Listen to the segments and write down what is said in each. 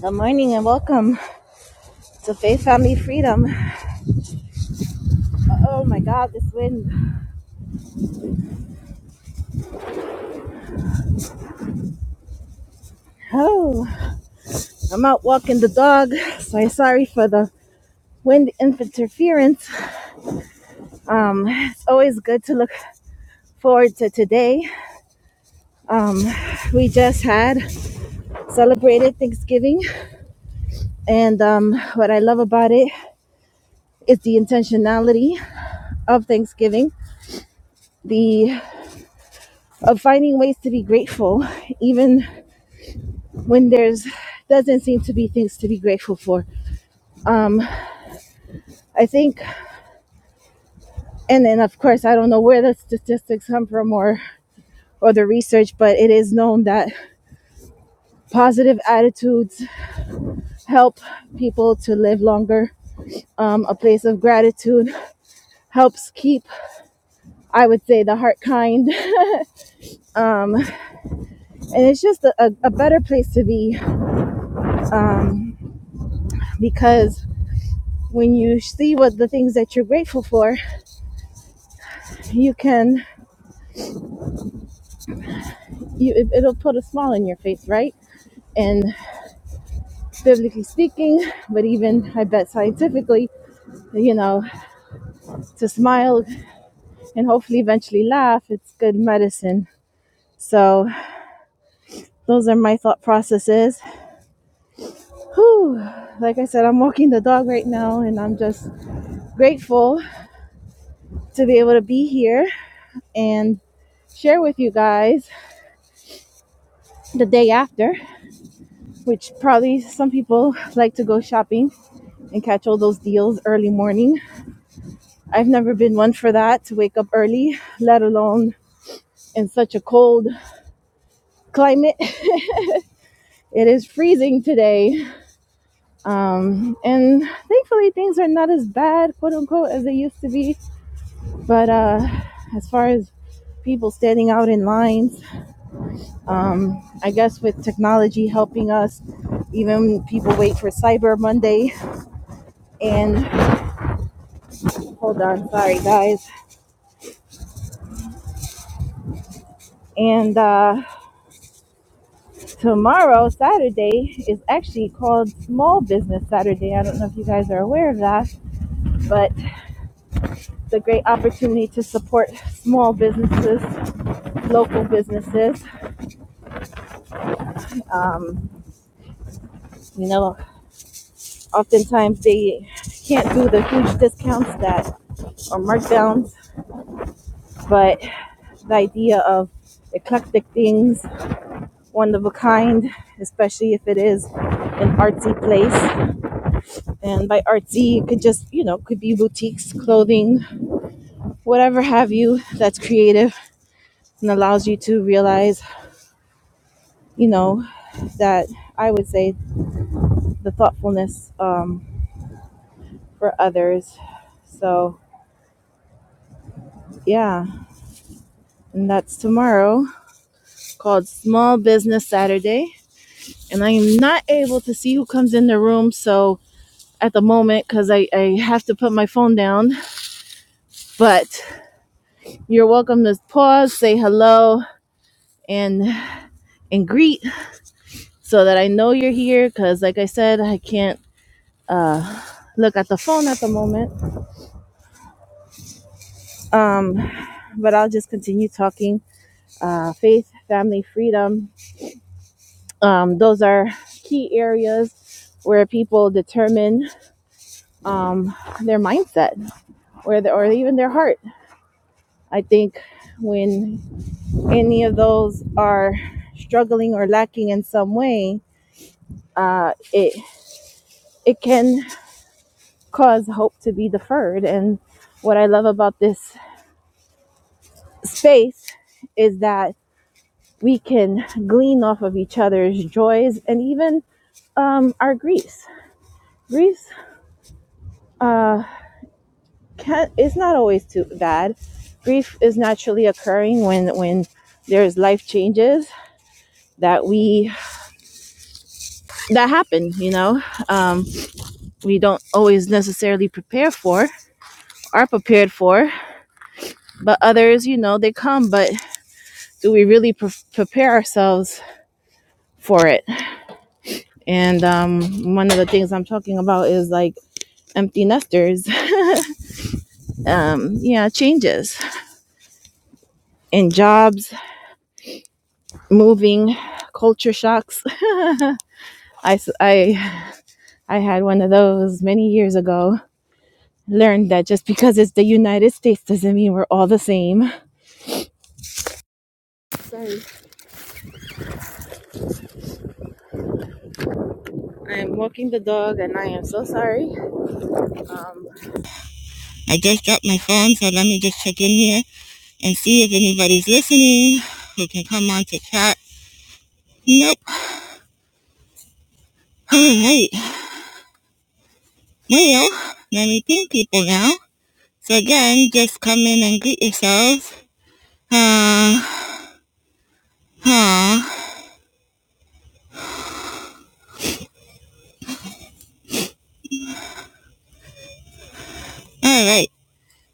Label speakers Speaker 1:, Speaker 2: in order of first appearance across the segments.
Speaker 1: Good morning and welcome to Faith Family Freedom. Oh my God, this wind. Oh, I'm out walking the dog, so I'm sorry for the wind interference. Um, it's always good to look forward to today. Um, we just had celebrated Thanksgiving, and um, what I love about it is the intentionality of Thanksgiving, the of finding ways to be grateful, even when there's doesn't seem to be things to be grateful for. Um, I think, and then of course, I don't know where the statistics come from or, or the research, but it is known that positive attitudes help people to live longer. Um, a place of gratitude helps keep, I would say, the heart kind. Um, and it's just a, a, better place to be um, because when you see what the things that you're grateful for, you can, you, it, it'll put a smile on your face, right? And biblically speaking, but even I bet scientifically, you know, to smile and hopefully eventually laugh. It's good medicine. So those are my thought processes. Whew. Like I said, I'm walking the dog right now and I'm just grateful to be able to be here and share with you guys the day after, which probably some people like to go shopping and catch all those deals early morning. I've never been one for that to wake up early, let alone in such a cold climate. It is freezing today Um, and thankfully, things are not as bad, quote unquote, as they used to be. But uh, as far as people standing out in lines, um, I guess with technology helping us, even people wait for Cyber Monday. And hold on, sorry guys. And uh, tomorrow, Saturday, is actually called Small Business Saturday. I don't know if you guys are aware of that, but it's a great opportunity to support small businesses, local businesses. Um, You know, oftentimes they can't do the huge discounts that or markdowns, but the idea of eclectic things, one of a kind, especially if it is an artsy place. And by artsy, it could just, you know, could be boutiques, clothing, whatever have you that's creative and allows you to realize, you know, that I would say the thoughtfulness um, for others. So, yeah, and that's tomorrow. called Small Business Saturday. And I am not able to see who comes in the room. So at the moment, because I, I have to put my phone down, but you're welcome to pause, say hello, and and greet so that I know you're here. Because like I said, I can't uh, look at the phone at the moment. Um, but I'll just continue talking. Uh, faith, family, freedom. Um, those are key areas where people determine um, their mindset or the, or even their heart. I think when any of those are struggling or lacking in some way, uh, it it can cause hope to be deferred. And what I love about this space is that we can glean off of each other's joys and even um, our griefs. Grief uh, can it's not always too bad. Grief is naturally occurring when when there's life changes that we that happen you know um, we don't always necessarily prepare for are prepared for but others you know they come but do we really pre- prepare ourselves for it and um, one of the things i'm talking about is like empty nesters um, yeah changes in jobs moving culture shocks I, I, I had one of those many years ago learned that just because it's the united states doesn't mean we're all the same I'm walking the dog and I am so sorry. I just dropped my phone, so let me just check in here and see if anybody's listening who can come on to chat. Nope. Oh, wait. Well, let me ping people now. So again, just come in and greet yourselves. Uh, huh. All right.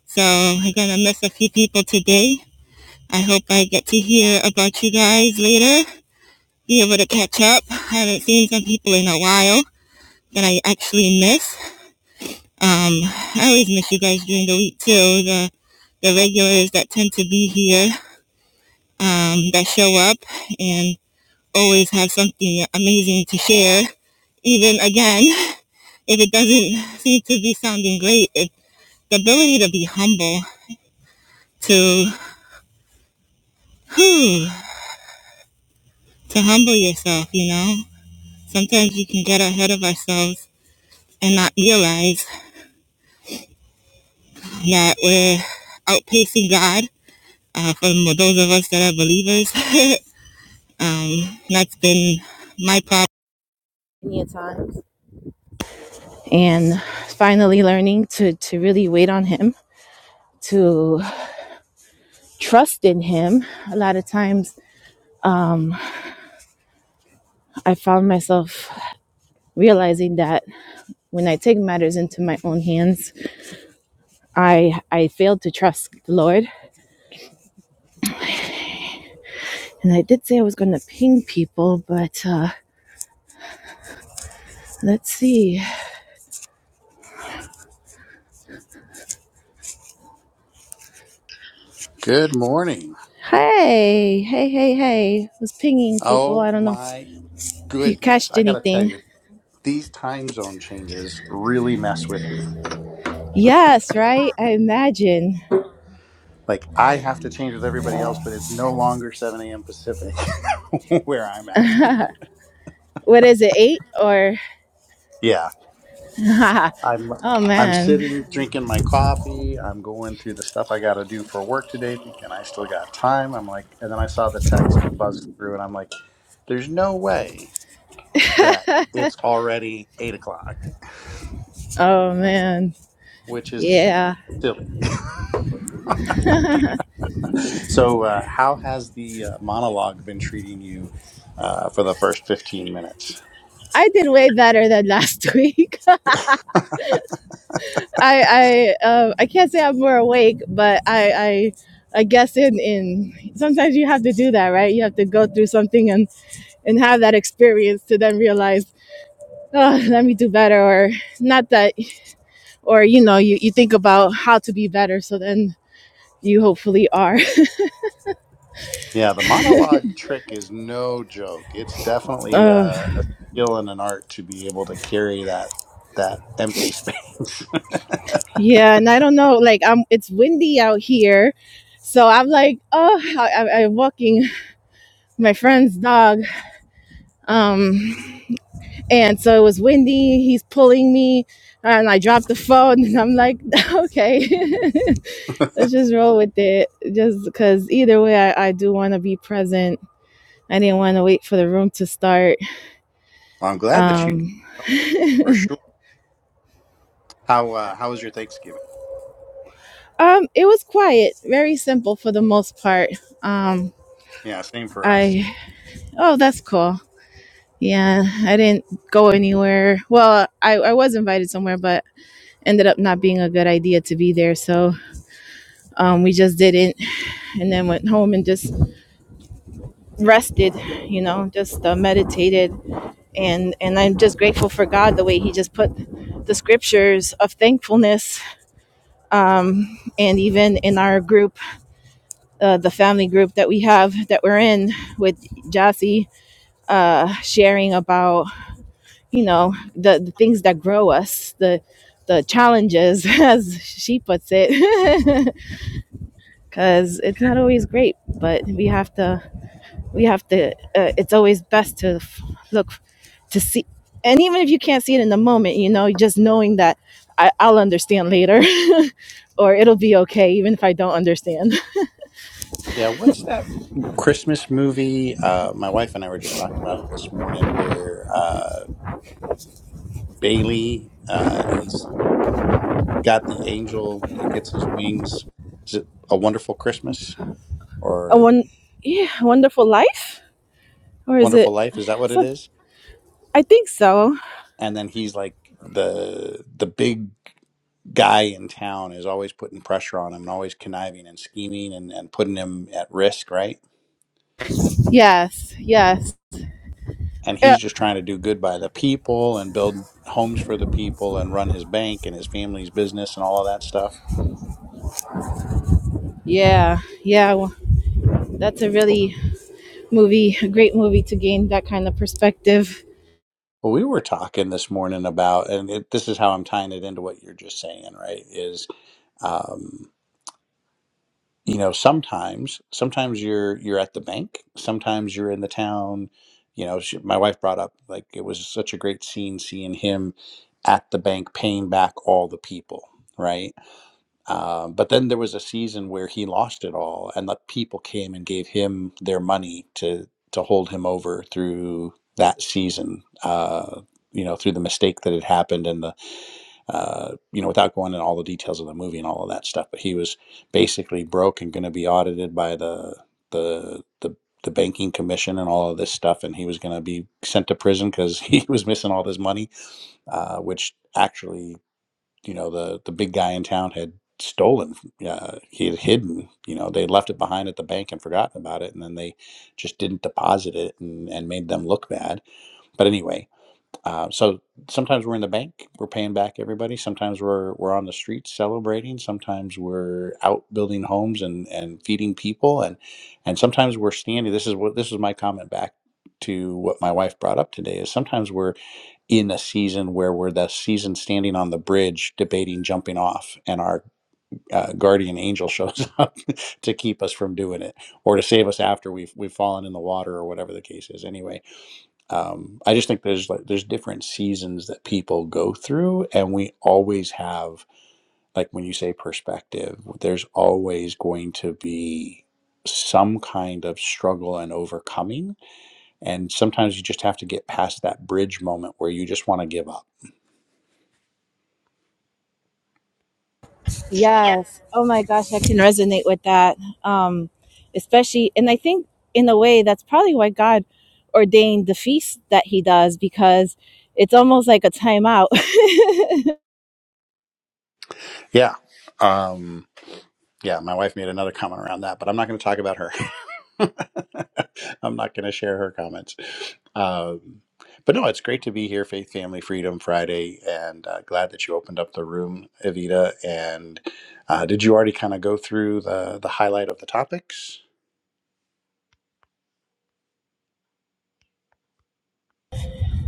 Speaker 1: So I'm going to miss a few people today. I hope I get to hear about you guys later. Be able to catch up. I haven't seen some people in a while that I actually miss. Um, I always miss you guys during the week too. The the regulars that tend to be here, um, that show up and always have something amazing to share. Even again, if it doesn't seem to be sounding great, it, the ability to be humble, to whew, to humble yourself, you know. Sometimes we can get ahead of ourselves and not realize that we're outpacing God. Uh, for those of us that are believers, And that's been my problem. Many a times. And finally learning to, to really wait on him, to trust in him. A lot of times I found myself realizing that when I take matters into my own hands, I I failed to trust the Lord. And I did say I was gonna ping people, but uh let's see.
Speaker 2: Good morning.
Speaker 1: Hey, hey, hey, hey. I was pinging people. I
Speaker 2: Oh
Speaker 1: don't know
Speaker 2: my
Speaker 1: if you
Speaker 2: goodness.
Speaker 1: catched
Speaker 2: I got to tell
Speaker 1: anything.
Speaker 2: you, these time zone changes really mess with me.
Speaker 1: Yes, right? I imagine.
Speaker 2: Like, I have to change with everybody else, but it's no longer 7 a.m. Pacific where I'm at.
Speaker 1: what is it eight or
Speaker 2: Yeah. I'm
Speaker 1: oh
Speaker 2: I'm
Speaker 1: man
Speaker 2: sitting drinking my coffee. I'm going through the stuff I got to do for work today, thinking I still got time. I'm like, and then I saw the text buzz through, and I'm like, there's no way that it's already eight o'clock,
Speaker 1: oh man
Speaker 2: which is
Speaker 1: yeah
Speaker 2: silly. So, uh, how has the uh, monologue been treating you uh, for the first 15 minutes?
Speaker 1: i did way better than last week i i uh, i can't say i'm more awake but i i I guess in, in sometimes you have to do that, right? You have to go through something and, and have that experience to then realize, oh, let me do better or not that or you know, you, you think about how to be better so then you hopefully are.
Speaker 2: Yeah, the monologue trick is no joke. It's definitely
Speaker 1: uh,
Speaker 2: uh, a skill and an art to be able to carry that that empty space.
Speaker 1: Yeah, and I don't know, like I'm it's windy out here. So I'm like, oh, I, I- I'm walking my friend's dog. Um, and so it was windy. He's pulling me, and I dropped the phone. And I'm like, okay, let's just roll with it. Just because either way, I, I do want to be present. I didn't want to wait for the room to start.
Speaker 2: I'm glad that you
Speaker 1: Um, um,
Speaker 2: for sure. How uh, how was your Thanksgiving?
Speaker 1: it was quiet, very simple for the most part. Um,
Speaker 2: Yeah, same for us.
Speaker 1: I, oh, that's cool. Yeah, I didn't go anywhere. Well, I, I was invited somewhere, but ended up not being a good idea to be there. So um, we just didn't. And then went home and just rested, you know, just uh, meditated. And, and I'm just grateful for God the way He just put the scriptures of thankfulness. Um, and even in our group, uh, the family group that we have that we're in with Jassy, uh, sharing about. you know the, the things that grow us the the challenges as she puts it because it's not always great but we have to we have to uh, it's always best to f- look to see and even if you can't see it in the moment you know just knowing that I, i'll understand later or it'll be okay even if i don't understand
Speaker 2: Yeah, what's that Christmas movie? Uh, my wife and I were just talking about it this morning, where uh, Bailey uh, and he's got the angel that gets his wings. Is it a wonderful Christmas
Speaker 1: a
Speaker 2: or
Speaker 1: one yeah wonderful life or is
Speaker 2: wonderful
Speaker 1: it
Speaker 2: life? Is that what it
Speaker 1: so
Speaker 2: is?
Speaker 1: i think so
Speaker 2: And then he's like the the big guy in town is always putting pressure on him and always conniving and scheming and, and putting him at risk, right?
Speaker 1: yes yes
Speaker 2: And
Speaker 1: yeah
Speaker 2: he's just trying to do good by the people and build homes for the people and run his bank and his family's business and all of that stuff.
Speaker 1: yeah yeah That's a really movie, a great movie to gain that kind of perspective.
Speaker 2: Well, we were talking this morning about, and it, this is how I'm tying it into what you're just saying, right? Is um. you know sometimes sometimes you're you're at the bank sometimes you're in the town you know she, my wife brought up like it was such a great scene seeing him at the bank paying back all the people right um, but then there was a season where he lost it all and the people came and gave him their money to to hold him over through that season uh, you know through the mistake that had happened and the uh, you know, without going into all the details of the movie and all of that stuff. But he was basically broke and going to be audited by the the the the banking commission and all of this stuff, and he was going to be sent to prison because he was missing all this money, uh, which actually, you know, the the big guy in town had stolen. Uh, he had hidden. You know, they left it behind at the bank and forgotten about it, and then they just didn't deposit it and, and made them look bad. But anyway, uh, so sometimes we're in the bank, we're paying back everybody. Sometimes we're we're on the streets celebrating. Sometimes we're out building homes and and feeding people, and and sometimes we're standing. This is what this is my comment back to what my wife brought up today is sometimes we're in a season where we're the season standing on the bridge debating jumping off and our uh, guardian angel shows up to keep us from doing it or to save us after we've we've fallen in the water or whatever the case is anyway um, I just think there's like there's different seasons that people go through, and we always have like when you say perspective, there's always going to be some kind of struggle and overcoming, and sometimes you just have to get past that bridge moment where you just want to give up.
Speaker 1: Yes. Oh my gosh, I can resonate with that. Um, especially, and I think in a way that's probably why God ordained the feast that He does because it's almost like a timeout.
Speaker 2: Yeah, um, yeah. My wife made another comment around that, but I'm not going to talk about her. I'm not going to share her comments. Um, but no, it's great to be here, Faith, Family, Freedom Friday, and uh, glad that you opened up the room, Evita. And uh, did you already kind of go through the, the highlight of the topics?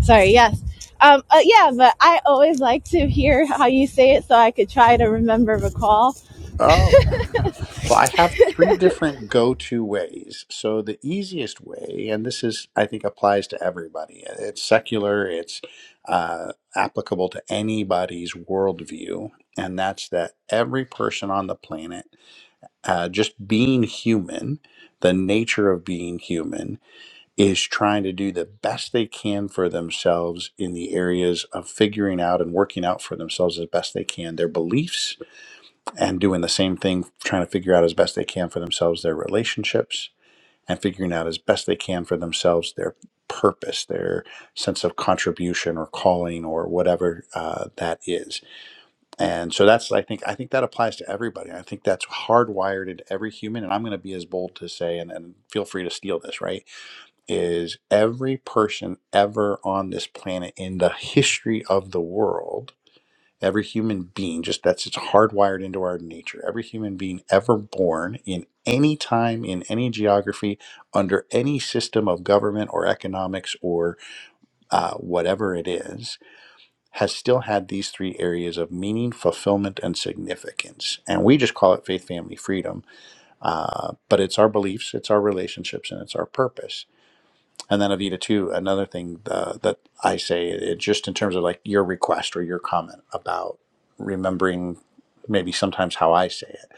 Speaker 1: Sorry. Yes. Um, uh, yeah, but I always like to hear how you say it so I could try to remember recall.
Speaker 2: Oh, well, I have three different go to ways. So the easiest way, and this is, I think, applies to everybody, it's secular, it's uh, applicable to anybody's worldview, and that's that every person on the planet uh, just being human, the nature of being human, is trying to do the best they can for themselves in the areas of figuring out and working out for themselves as best they can their beliefs and doing the same thing, trying to figure out as best they can for themselves their relationships and figuring out as best they can for themselves their purpose, their sense of contribution or calling or whatever uh, that is and so that's I think I think that applies to everybody. I think that's hardwired into every human. And I'm going to be as bold to say, and, and feel free to steal this, right? Is every person ever on this planet in the history of the world, every human being, just that's it's hardwired into our nature. Every human being ever born in any time, in any geography, under any system of government or economics or uh, whatever it is, has still had these three areas of meaning, fulfillment, and significance. And we just call it faith, family, freedom. Uh, but it's our beliefs, it's our relationships, and it's our purpose. And then, Avita, too, another thing uh, that I say, it, just in terms of like your request or your comment about remembering maybe sometimes how I say it.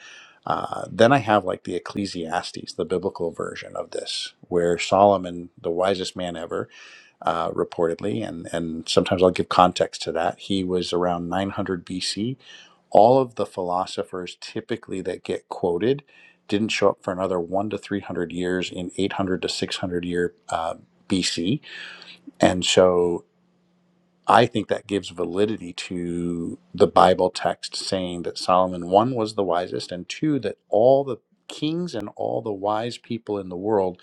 Speaker 2: Uh, then I have like the Ecclesiastes, the biblical version of this, where Solomon, the wisest man ever, uh, reportedly, and, and sometimes I'll give context to that. He was around 900 BC. All of the philosophers typically that get quoted didn't show up for another one to 300 years in 800 to 600 year uh, BC. And so I think that gives validity to the Bible text saying that Solomon, one, was the wisest, and two, that all the kings and all the wise people in the world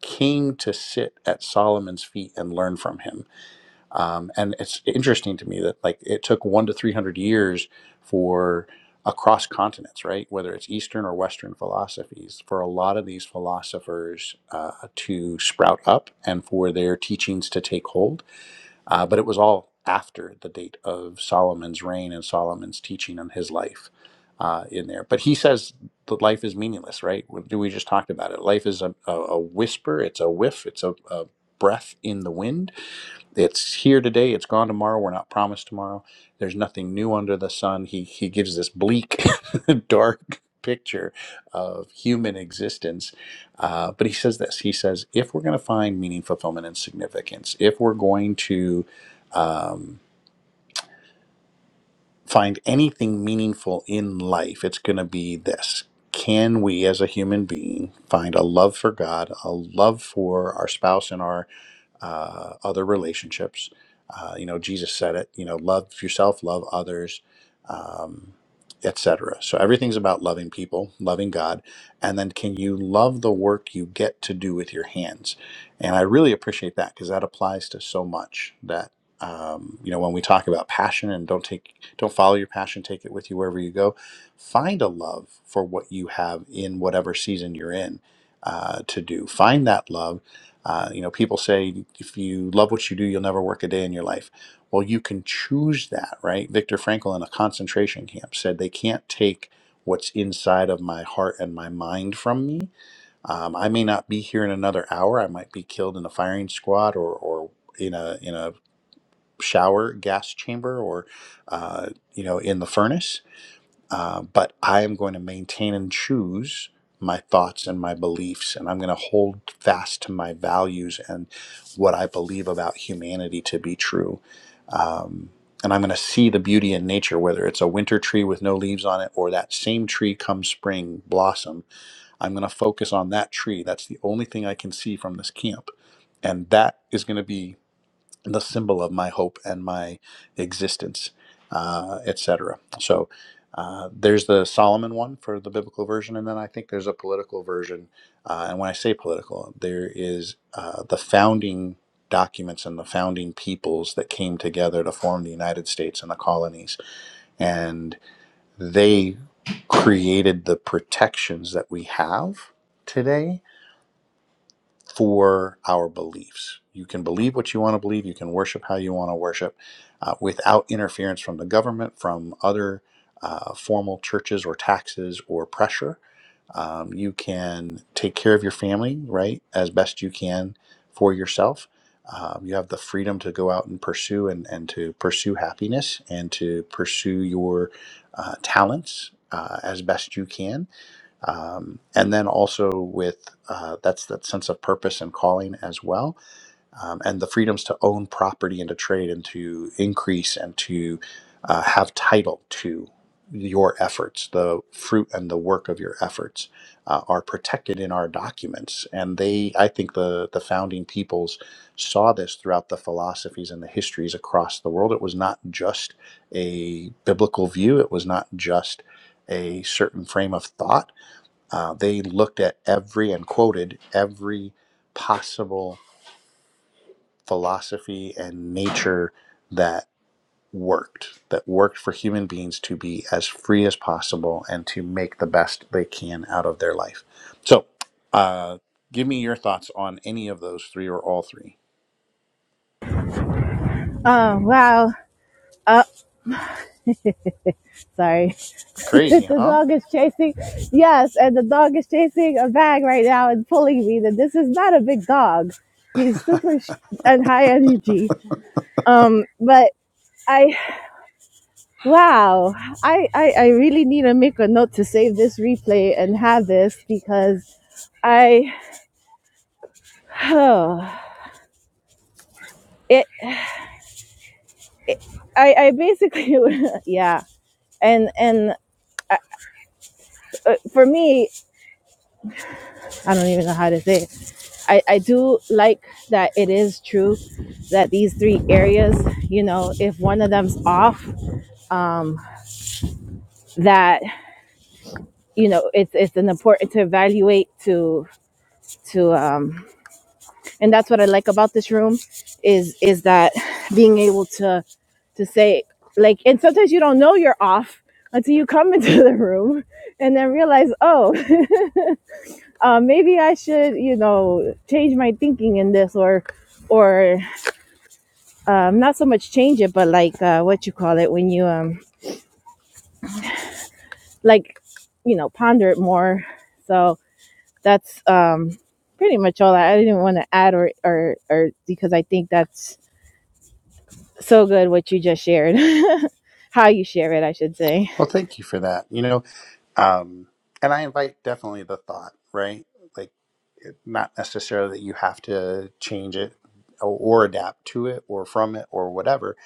Speaker 2: came to sit at Solomon's feet and learn from him um, and it's interesting to me that like it took one to three hundred years for across continents, right? Whether it's Eastern or Western philosophies, for a lot of these philosophers uh, to sprout up and for their teachings to take hold. Uh, but it was all after the date of Solomon's reign and Solomon's teaching and his life uh, in there. But he says that life is meaningless, right? We we just talked about it. Life is a, a, a whisper, it's a whiff, it's a, a breath in the wind it's here today it's gone tomorrow we're not promised tomorrow there's nothing new under the sun he he gives this bleak dark picture of human existence uh, but he says this he says if we're going to find meaning fulfillment and significance if we're going to um, find anything meaningful in life it's going to be this can we as a human being find a love for god a love for our spouse and our uh, other relationships. Uh, you know, Jesus said it. You know, love yourself, love others, um, etc. So everything's about loving people, loving God, and then can you love the work you get to do with your hands? And I really appreciate that because that applies to so much. That um, you know, when we talk about passion and don't take, don't follow your passion, take it with you wherever you go. Find a love for what you have in whatever season you're in uh, to do. Find that love uh, you know, people say if you love what you do, you'll never work a day in your life. Well, you can choose that, right? Viktor Frankl in a concentration camp said they can't take what's inside of my heart and my mind from me. Um, I may not be here in another hour. I might be killed in a firing squad or, or in a in a shower gas chamber or uh, you know in the furnace uh, but I am going to maintain and choose my thoughts and my beliefs, and I'm going to hold fast to my values and what I believe about humanity to be true. Um, and I'm going to see the beauty in nature, whether it's a winter tree with no leaves on it or that same tree come spring blossom. I'm going to focus on that tree. That's the only thing I can see from this camp. And that is going to be the symbol of my hope and my existence, uh, et cetera. So uh, there's the Solomon one for the biblical version, and then I think there's a political version. Uh, and when I say political, there is uh, the founding documents and the founding peoples that came together to form the United States and the colonies, and they created the protections that we have today for our beliefs. You can believe what you want to believe, you can worship how you want to worship uh, without interference from the government, from other uh, formal churches or taxes or pressure. Um, you can take care of your family, right, as best you can for yourself. Um, you have the freedom to go out and pursue and, and to pursue happiness and to pursue your uh, talents uh, as best you can um, and then also with uh, that's that sense of purpose and calling as well um, and the freedoms to own property and to trade and to increase and to uh, have title to your efforts the fruit and the work of your efforts uh, are protected in our documents and they i think the the founding peoples saw this throughout the philosophies and the histories across the world it was not just a biblical view it was not just a certain frame of thought uh, they looked at every and quoted every possible philosophy and nature that worked, that worked for human beings to be as free as possible and to make the best they can out of their life. So, uh, give me your thoughts on any of those three or all three.
Speaker 1: Oh wow. Oh, sorry. that
Speaker 2: Crazy,
Speaker 1: the
Speaker 2: huh?
Speaker 1: dog is chasing. Yes, and the dog is chasing a bag right now and pulling me. That this is not a big dog. He's super sh- and high energy. Um, but I, wow, I, I I really need to make a note to save this replay and have this because I, oh, it, it I I basically yeah, and and uh, uh, for me, I don't even know how to say it. I, I do like that it is true that these three areas, you know, if one of them's off, um, that you know, it's it's an important to evaluate to to um, and that's what I like about this room is is that being able to to say like and sometimes you don't know you're off until you come into the room and then realize oh uh, maybe I should you know change my thinking in this or or um not so much change it but like uh what you call it when you um like you know ponder it more so that's um pretty much all i, I didn't want to add or or or because i think that's so good what you just shared how you share it i should say
Speaker 2: Well, thank you for that. You know, um, and I invite definitely the thought, right? Like. not necessarily that you have to change it or, adapt to it or from it or whatever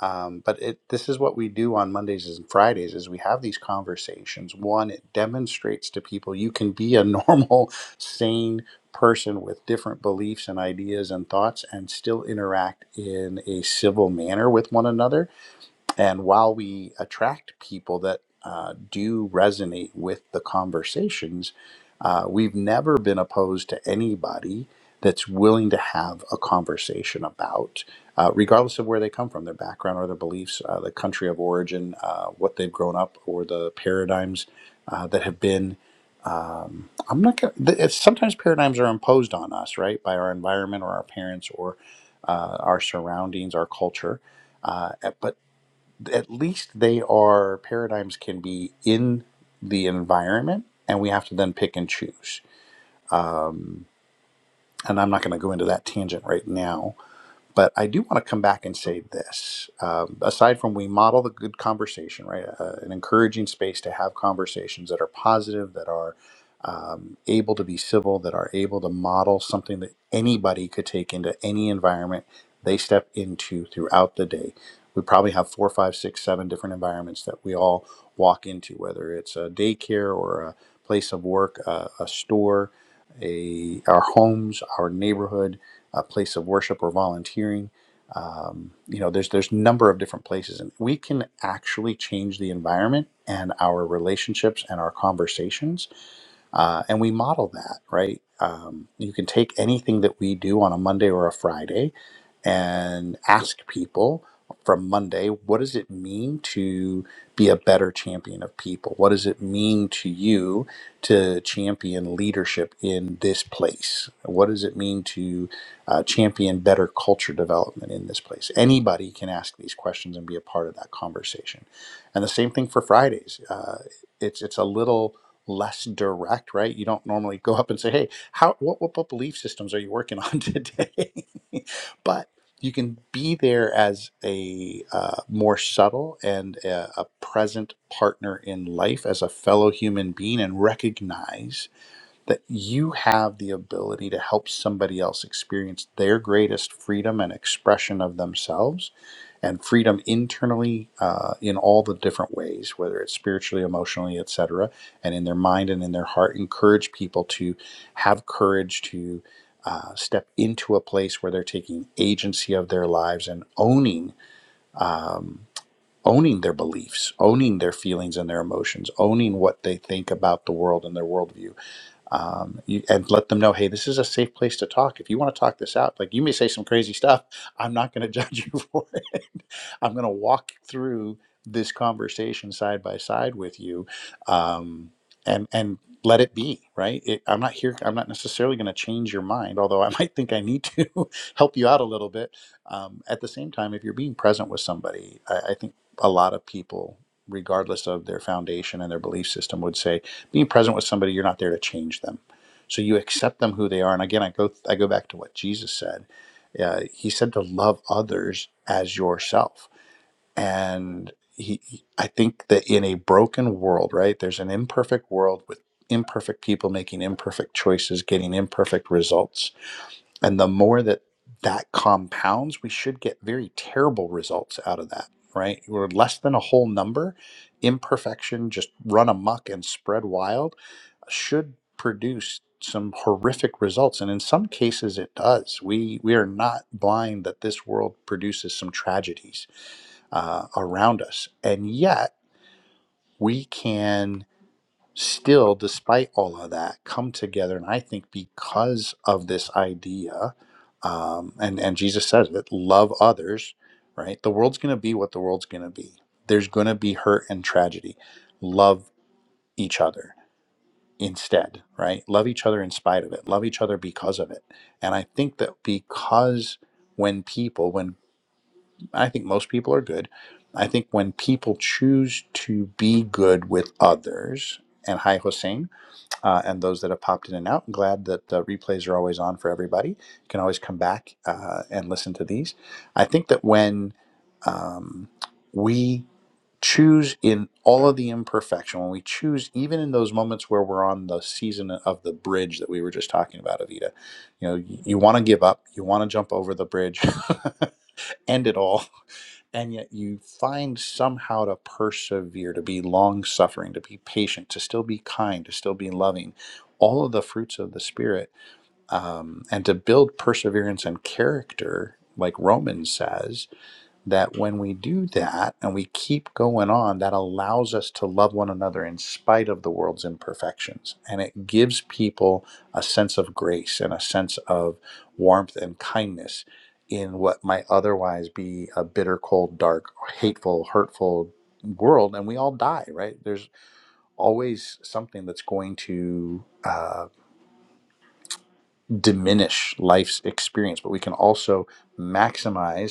Speaker 2: um, but it, this is what we do on mondays and fridays is we have these conversations one it demonstrates to people you can be a normal sane person with different beliefs and ideas and thoughts and still interact in a civil manner with one another and while we attract people that uh, do resonate with the conversations, uh, we've never been opposed to anybody that's willing to have a conversation about, uh, regardless of where they come from, their background or their beliefs, uh, the country of origin, uh, what they've grown up, or the paradigms uh, that have been. Um, I'm not gonna. th- It's, sometimes paradigms are imposed on us, right, by our environment or our parents or uh, our surroundings, our culture. Uh, eh, but at least they are paradigms can be in the environment and we have to then pick and choose um, and i'm not going to go into that tangent right now but I do want to come back and say this. Um, aside from we model the good conversation, right? Uh, an encouraging space to have conversations that are positive, that are um, able to be civil, that are able to model something that anybody could take into any environment they step into throughout the day. We probably have four, five, six, seven different environments that we all walk into, whether it's a daycare or a place of work, a, a store, a, our homes, our neighborhood a place of worship or volunteering. Um, you know, there's there's a number of different places, and we can actually change the environment and our relationships and our conversations uh, and we model that right um, you can take anything that we do on a monday or a friday and ask people from monday what does it mean to be a better champion of people what does it mean to you to champion leadership in this place what does it mean to uh, champion better culture development in this place anybody can ask these questions and be a part of that conversation and the same thing for fridays uh, it's it's a little less direct, right? You don't normally go up and say, "Hey, how what what, what belief systems are you working on today?" but you can be there as a uh, more subtle and a, a present partner in life as a fellow human being and recognize that you have the ability to help somebody else experience their greatest freedom and expression of themselves and freedom internally uh, in all the different ways whether it's spiritually emotionally etc and in their mind and in their heart encourage people to have courage to uh, step into a place where they're taking agency of their lives and owning um, owning their beliefs owning their feelings and their emotions owning what they think about the world and their worldview um, you, and let them know, hey, this is a safe place to talk. If you want to talk this out, like you may say some crazy stuff, I'm not going to judge you for it. I'm going to walk through this conversation side by side with you, um, and and let it be right. It, I'm not here. I'm not necessarily going to change your mind, although I might think I need to help you out a little bit. Um, at the same time, if you're being present with somebody, I, I think a lot of people. Regardless of their foundation and their belief system, would say being present with somebody, you're not there to change them. So you accept them who they are. And again, I go I go back to what Jesus said. Uh, he said to love others as yourself and he he- i think that in a broken world right there's an imperfect world with imperfect people making imperfect choices getting imperfect results and the more that that compounds we should get very terrible results out of that right we're less than a whole number imperfection just run amok and spread wild should produce some horrific results and in some cases it does we we are not blind that this world produces some tragedies uh, around us. And yet, we can still, despite all of that, come together. And I think because of this idea, um, and, and Jesus says it love others, right? The world's going to be what the world's going to be. There's going to be hurt and tragedy. Love each other instead, right? Love each other in spite of it. Love each other because of it. And I think that because when when people, when I think most people are good. I think when people choose to be good with others, and hi, Hossein, uh, and those that have popped in and out, I'm glad that the replays are always on for everybody. You can always come back uh, and listen to these. I think that when um, we choose in all of the imperfection, when we choose even in those moments where we're on the season of the bridge that we were just talking about, Avita, you know, you, you want to give up, you want to jump over the bridge, end it all and yet you find somehow to persevere, to be long suffering, to be patient, to still be kind, to still be loving, all of the fruits of the Spirit, um, and to build perseverance and character, like Romans says that when we do that and we keep going on, that allows us to love one another in spite of the world's imperfections. And it gives people a sense of grace and a sense of warmth and kindness in what might otherwise be a bitter, cold, dark, hateful, hurtful world. And we all die, right? There's always something that's going to uh, diminish life's experience, but we can also maximize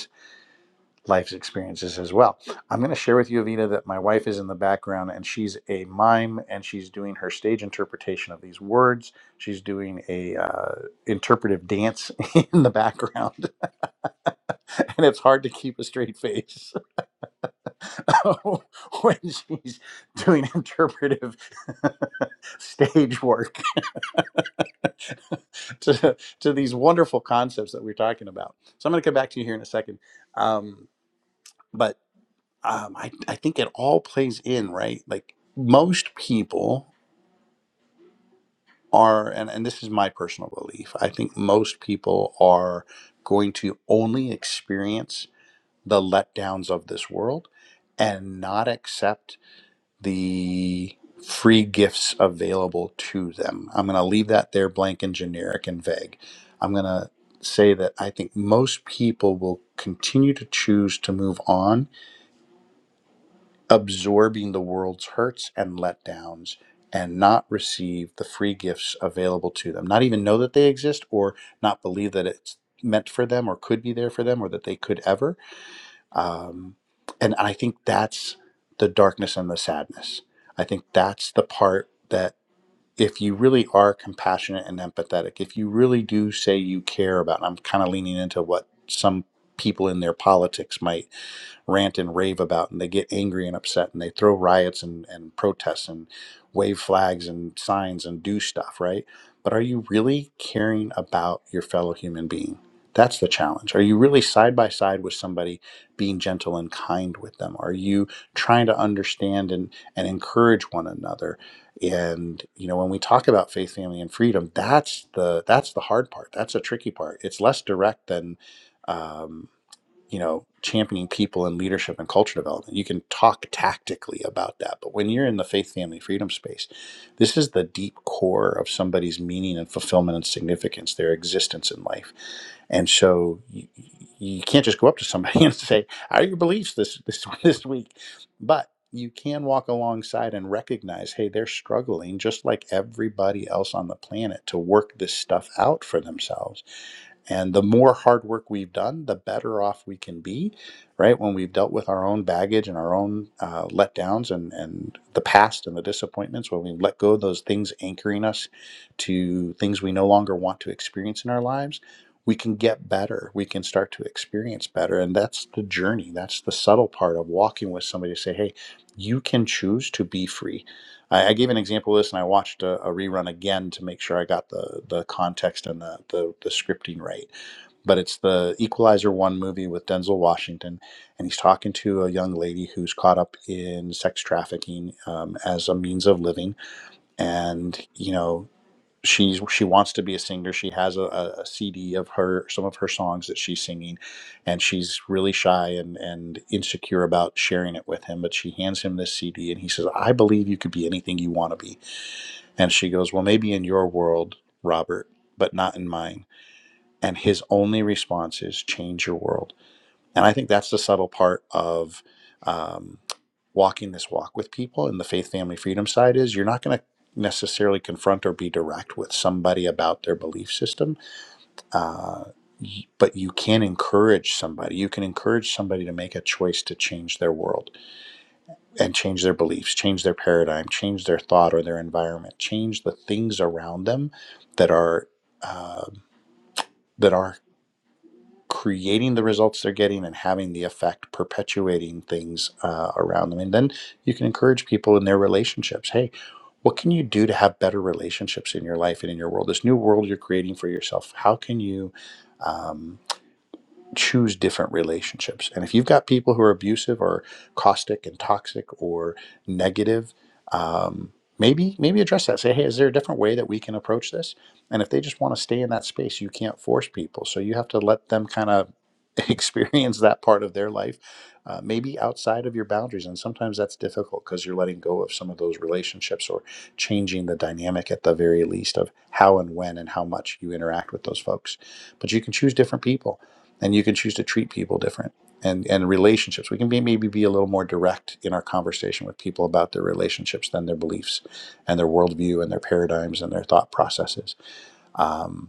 Speaker 2: Life's experiences as well. I'm going to share with you, Avita, that my wife is in the background and she's a mime and she's doing her stage interpretation of these words. She's doing a uh, interpretive dance in the background, and it's hard to keep a straight face when she's doing interpretive stage work to, to these wonderful concepts that we're talking about. So I'm going to come back to you here in a second. Um, but um, I, I think it all plays in, right? Like most people are, and, and this is my personal belief, I think most people are going to only experience the letdowns of this world and not accept the free gifts available to them. I'm going to leave that there blank and generic and vague. I'm going to say that I think most people will continue to choose to move on absorbing the world's hurts and letdowns and not receive the free gifts available to them, not even know that they exist or not believe that it's meant for them or could be there for them or that they could ever. Um, and I think that's the darkness and the sadness. I think that's the part that if you really are compassionate and empathetic, if you really do say you care about, and I'm kind of leaning into what some people in their politics might rant and rave about, and they get angry and upset and they throw riots and, and protests and wave flags and signs and do stuff, right? But are you really caring about your fellow human being? That's the challenge. Are you really side by side with somebody being gentle and kind with them? Are you trying to understand and, and encourage one another? and you know when we talk about faith family and freedom that's the that's the hard part that's a tricky part it's less direct than um, you know, championing people and leadership and culture development. You can talk tactically about that. But when you're in the faith, family, freedom space, this is the deep core of somebody's meaning and fulfillment and significance, their existence in life. And so you, you can't just go up to somebody and say, "How are your beliefs this this this week?" But you can walk alongside and recognize, hey, they're struggling just like everybody else on the planet to work this stuff out for themselves and the more hard work we've done, the better off we can be, right? When we've dealt with our own baggage and our own uh, letdowns and, and the past and the disappointments, when we let go of those things anchoring us to things we no longer want to experience in our lives, we can get better. We can start to experience better. And that's the journey. That's the subtle part of walking with somebody to say, hey, you can choose to be free. I, I gave an example of this and I watched a, a rerun again to make sure I got the, the context and the, the, the scripting right but it's the Equalizer One movie with Denzel Washington, and he's talking to a young lady who's caught up in sex trafficking um, as a means of living, and you know she's she wants to be a singer. She has a, a CD of her some of her songs that she's singing, and she's really shy and and insecure about sharing it with him. But she hands him this CD, and he says, "I believe you could be anything you want to be." And she goes, "Well, maybe in your world, Robert, but not in mine." and his only response is change your world and i think that's the subtle part of um, walking this walk with people and the faith family freedom side is you're not going to necessarily confront or be direct with somebody about their belief system uh, y- but you can encourage somebody you can encourage somebody to make a choice to change their world and change their beliefs change their paradigm change their thought or their environment change the things around them that are uh, that are creating the results they're getting and having the effect perpetuating things uh, around them and then you can encourage people in their relationships hey what can you do to have better relationships in your life and in your world this new world you're creating for yourself how can you um, choose different relationships. And if you've got people who are abusive or caustic and toxic or negative, um, maybe maybe address that. Say, hey, is there a different way that we can approach this? And if they just want to stay in that space, you can't force people. So you have to let them kind of experience that part of their life, uh, maybe outside of your boundaries. And sometimes that's difficult because you're letting go of some of those relationships or changing the dynamic at the very least of how and when and how much you interact with those folks. But you can choose different people and you can choose to treat people different and and relationships we can be, maybe be a little more direct in our conversation with people about their relationships than their beliefs and their worldview and their paradigms and their thought processes Um,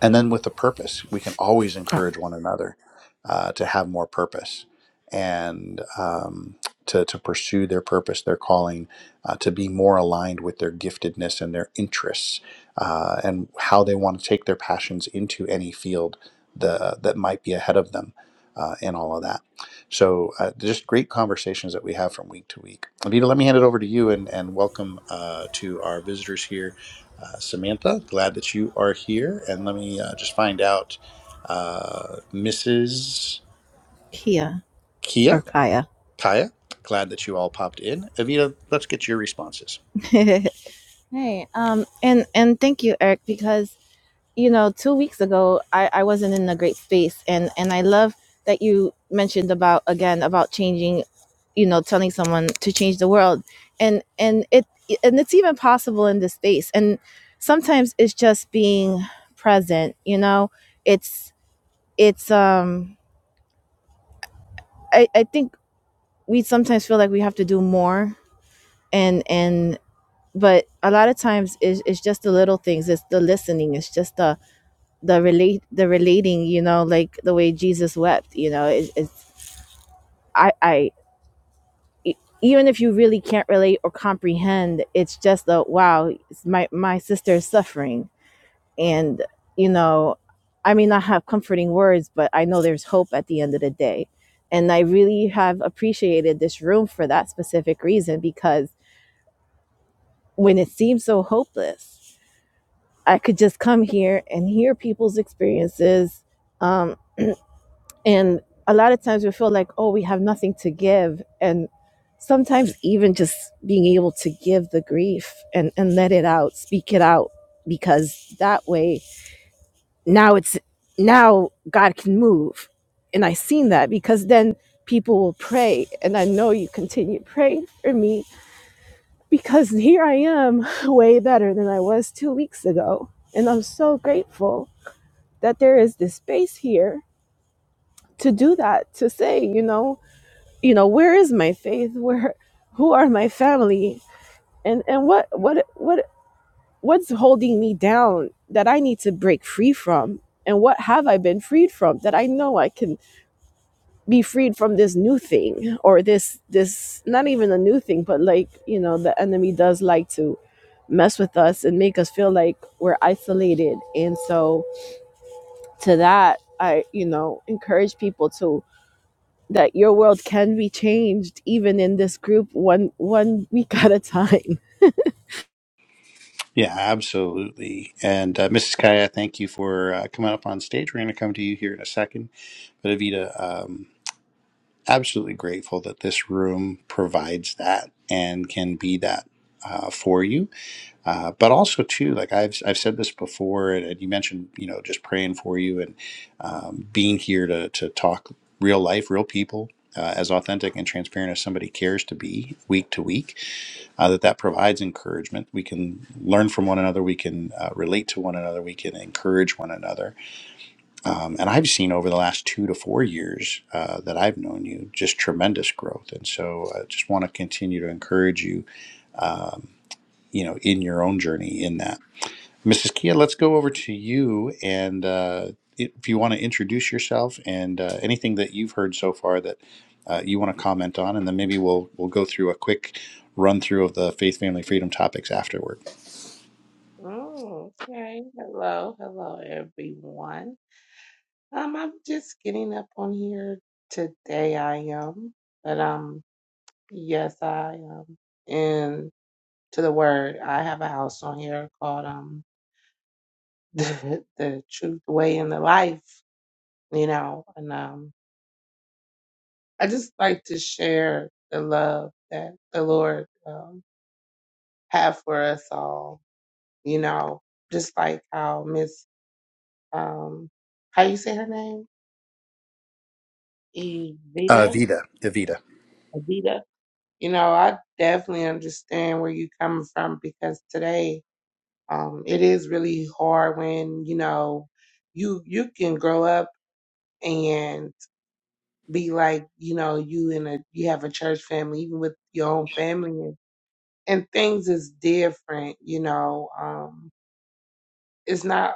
Speaker 2: and then with the purpose we can always encourage one another uh, to have more purpose and um, to, to pursue their purpose their calling uh, to be more aligned with their giftedness and their interests uh, and how they want to take their passions into any field the, that might be ahead of them uh, and all of that so uh, just great conversations that we have from week to week anita let me hand it over to you and, and welcome uh, to our visitors here uh, Samantha. Glad that you are here. And let me uh, just find out, uh, Mrs.
Speaker 1: kia
Speaker 2: Kia,
Speaker 1: or kaya
Speaker 2: Kaya, glad that you all popped in. Evita, let's get your responses.
Speaker 1: hey um and and thank you eric because you know, two weeks ago, I, I wasn't in a great space, and and I love that you mentioned about again about changing, you know, telling someone to change the world, and and it and it's even possible in this space, and sometimes it's just being present, you know, it's it's um I I think we sometimes feel like we have to do more, and and but a lot of times it's, it's just the little things, it's the listening, it's just the the relate the relating you know like the way jesus wept you know it, it's i i e- even if you really can't relate or comprehend it's just a wow it's my my sister is suffering and you know i may not have comforting words but i know there's hope at the end of the day and i really have appreciated this room for that specific reason because when it seemed so hopeless i could just come here and hear people's experiences um. And a lot of times we feel like, oh, we have nothing to give. And sometimes even just being able to give the grief and, and let it out, speak it out, because that way now it's now God can move. And I seen that because then people will pray. And I know you continue praying for me because here I am way better than I was two weeks ago. And I'm so grateful that there is this space here to do that, to say, you know, you know where is my faith where who are my family and and what what what what's holding me down that i need to break free from and what have i been freed from that i know i can be freed from this new thing or this this not even a new thing but like you know the enemy does like to mess with us and make us feel like we're isolated and so to that i you know encourage people to that your world can be changed even in this group one one week at a time.
Speaker 2: Yeah, absolutely. And uh, Mrs. Kaya, thank you for uh, coming up on stage. We're going to come to you here in a second. But Evita, um, absolutely grateful that this room provides that and can be that uh, for you Uh, but also too, like I've I've said this before, and, and you mentioned, you know, just praying for you and um, being here to to talk real life, real people, uh, as authentic and transparent as somebody cares to be, week to week. Uh, that that provides encouragement. We can learn from one another. We can uh, relate to one another. We can encourage one another. Um, and I've seen over the last two to four years uh, that I've known you, just tremendous growth. And so, I just want to continue to encourage you. Um, you know, in your own journey, in that. Mrs. Kia, let's go over to you. And uh, if you want to introduce yourself and uh, anything that you've heard so far that uh, you want to comment on, and then maybe we'll we'll go through a quick run through of the faith, family, freedom topics afterward.
Speaker 3: Oh, okay. Hello, hello, everyone. Um, I'm just getting up on here today. I am, but um, yes, I am. And to the word, I have a house on here called um, the, the Truth, the Way, and the Life. You know, and um, I just like to share the love that the Lord um have for us all. You know, just like how Miss um, how you say her name?
Speaker 2: Uh,
Speaker 3: Evita,
Speaker 2: Evita, Evita.
Speaker 3: Evita, you know, I definitely understand where you're coming from because today, um, it is really hard when, you know, you you can grow up and be like, you know, you in a you have a church family, even with your own family and, and things is different, you know. Um, it's not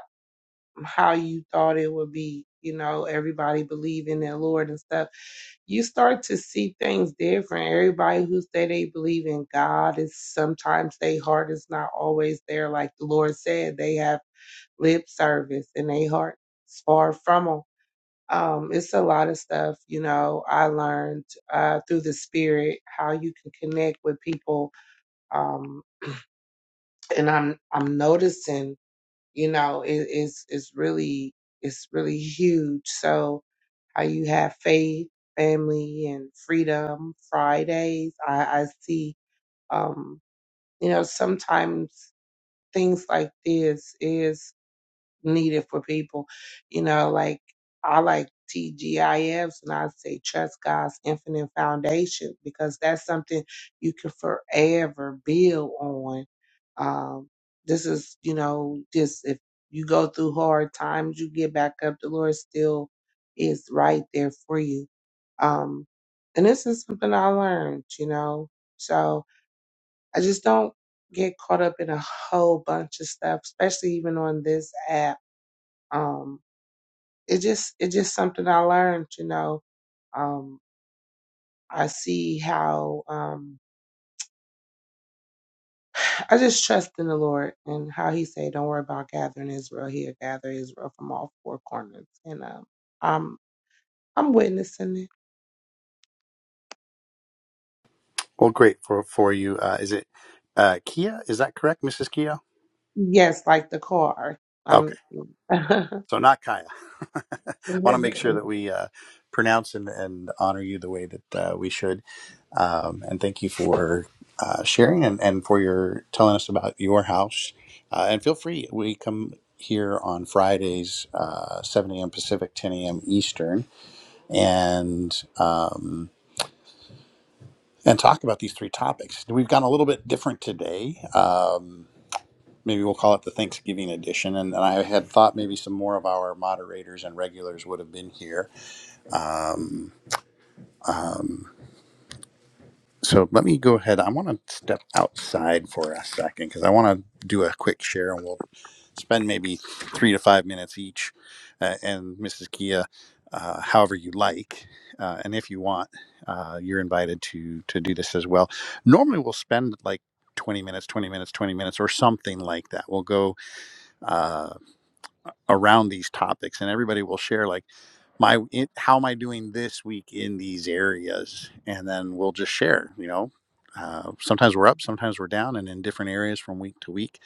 Speaker 3: how you thought it would be, you know, everybody believing in the Lord and stuff you start to see things different. Everybody who say they believe in God is sometimes their heart is not always there. Like the Lord said, they have lip service and their heart is far from them. Um, it's a lot of stuff, you know, I learned uh, through the spirit how you can connect with people. Um, and I'm I'm noticing, you know, it, it's it's really it's really huge. So how you have faith, family, and freedom Fridays. I, I see, um, you know, sometimes things like this is needed for people. You know, like I like TGIFs and I say trust God's infinite foundation because that's something you can forever build on. Um, this is, you know, just if you go through hard times, you get back up, the Lord still is right there for you. Um, and this is something I learned, you know. So I just don't get caught up in a whole bunch of stuff, especially even on this app um it just it just something I learned, you know. Um I see how um I just trust in the Lord and how he say, Don't worry about gathering Israel, he'll gather Israel from all four corners. And um I'm I'm witnessing it.
Speaker 2: Well, great for for you. Uh, is it uh, Kia? Is that correct, Mrs. Kia?
Speaker 3: Yes, like the car. I'm
Speaker 2: So not Kaya. I want to make sure that we uh, pronounce and, and honor you the way that uh, we should. Um, and thank you for uh, sharing and, and for your telling us about your house. Uh, and feel free, we come here on Fridays, uh, 7 a.m. Pacific, 10 a.m. Eastern, and um, and talk about these three topics. We've gone a little bit different today. Um, maybe we'll call it the Thanksgiving edition. And, I had thought maybe some more of our moderators and regulars would have been here. So let me go ahead. I want to step outside for a second because I want to do a quick share and we'll spend maybe three to five minutes each. Uh, and Mrs. Kia, uh, however you like, uh, and if you want, uh, you're invited to to do this as well. Normally we'll spend like 20 minutes, 20 minutes, 20 minutes, or something like that. We'll go uh, around these topics and everybody will share like, my it, how am i doing this week in these areas and then we'll just share you know uh, sometimes we're up sometimes we're down and in different areas from week to week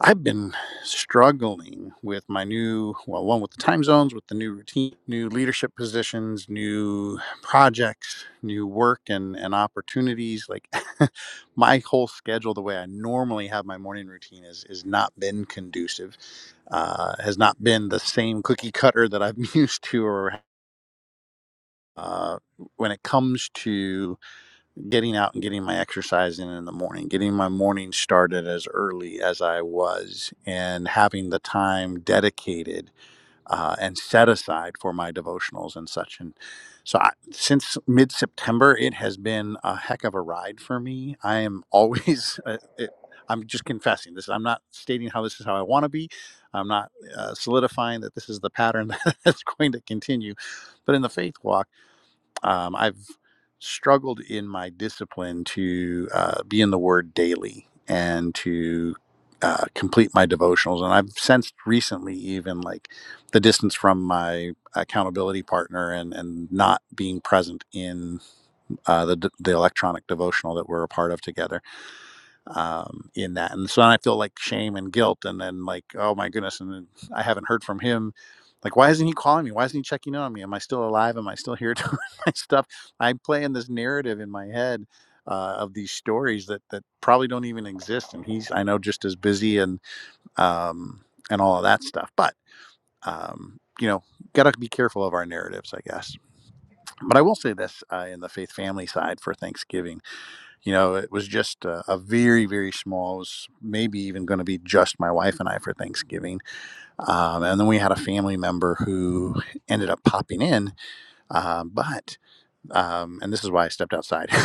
Speaker 2: i've been struggling with my new well one with the time zones with the new routine new leadership positions new projects new work and and opportunities like my whole schedule the way i normally have my morning routine is is not been conducive uh, has not been the same cookie cutter that i'm used to or uh, when it comes to getting out and getting my exercise in in the morning, getting my morning started as early as I was, and having the time dedicated uh, and set aside for my devotionals and such. And so, I, since mid September, it has been a heck of a ride for me. I am always. uh, It, I'm just confessing this. I'm not stating how this is how I want to be. I'm not uh, solidifying that this is the pattern that is going to continue. But in the faith walk, um, I've struggled in my discipline to uh, be in the Word daily and to uh, complete my devotionals. And I've sensed recently, even like the distance from my accountability partner and, and not being present in uh, the, the electronic devotional that we're a part of together um, in that. And so then I feel like shame and guilt, and then like, oh my goodness, and then I haven't heard from him. Like, why isn't he calling me? Why isn't he checking in on me? Am I still alive? Am I still here doing my stuff? I'm playing this narrative in my head uh, of these stories that that probably don't even exist, and he's I know just as busy and um, and all of that stuff. But um, you know, gotta be careful of our narratives, I guess. But I will say this uh, in the faith family side for Thanksgiving. You know, it was just a, a very, very small, it was maybe even going to be just my wife and I for Thanksgiving. Um, and then we had a family member who ended up popping in. Uh, but, um, and this is why I stepped outside.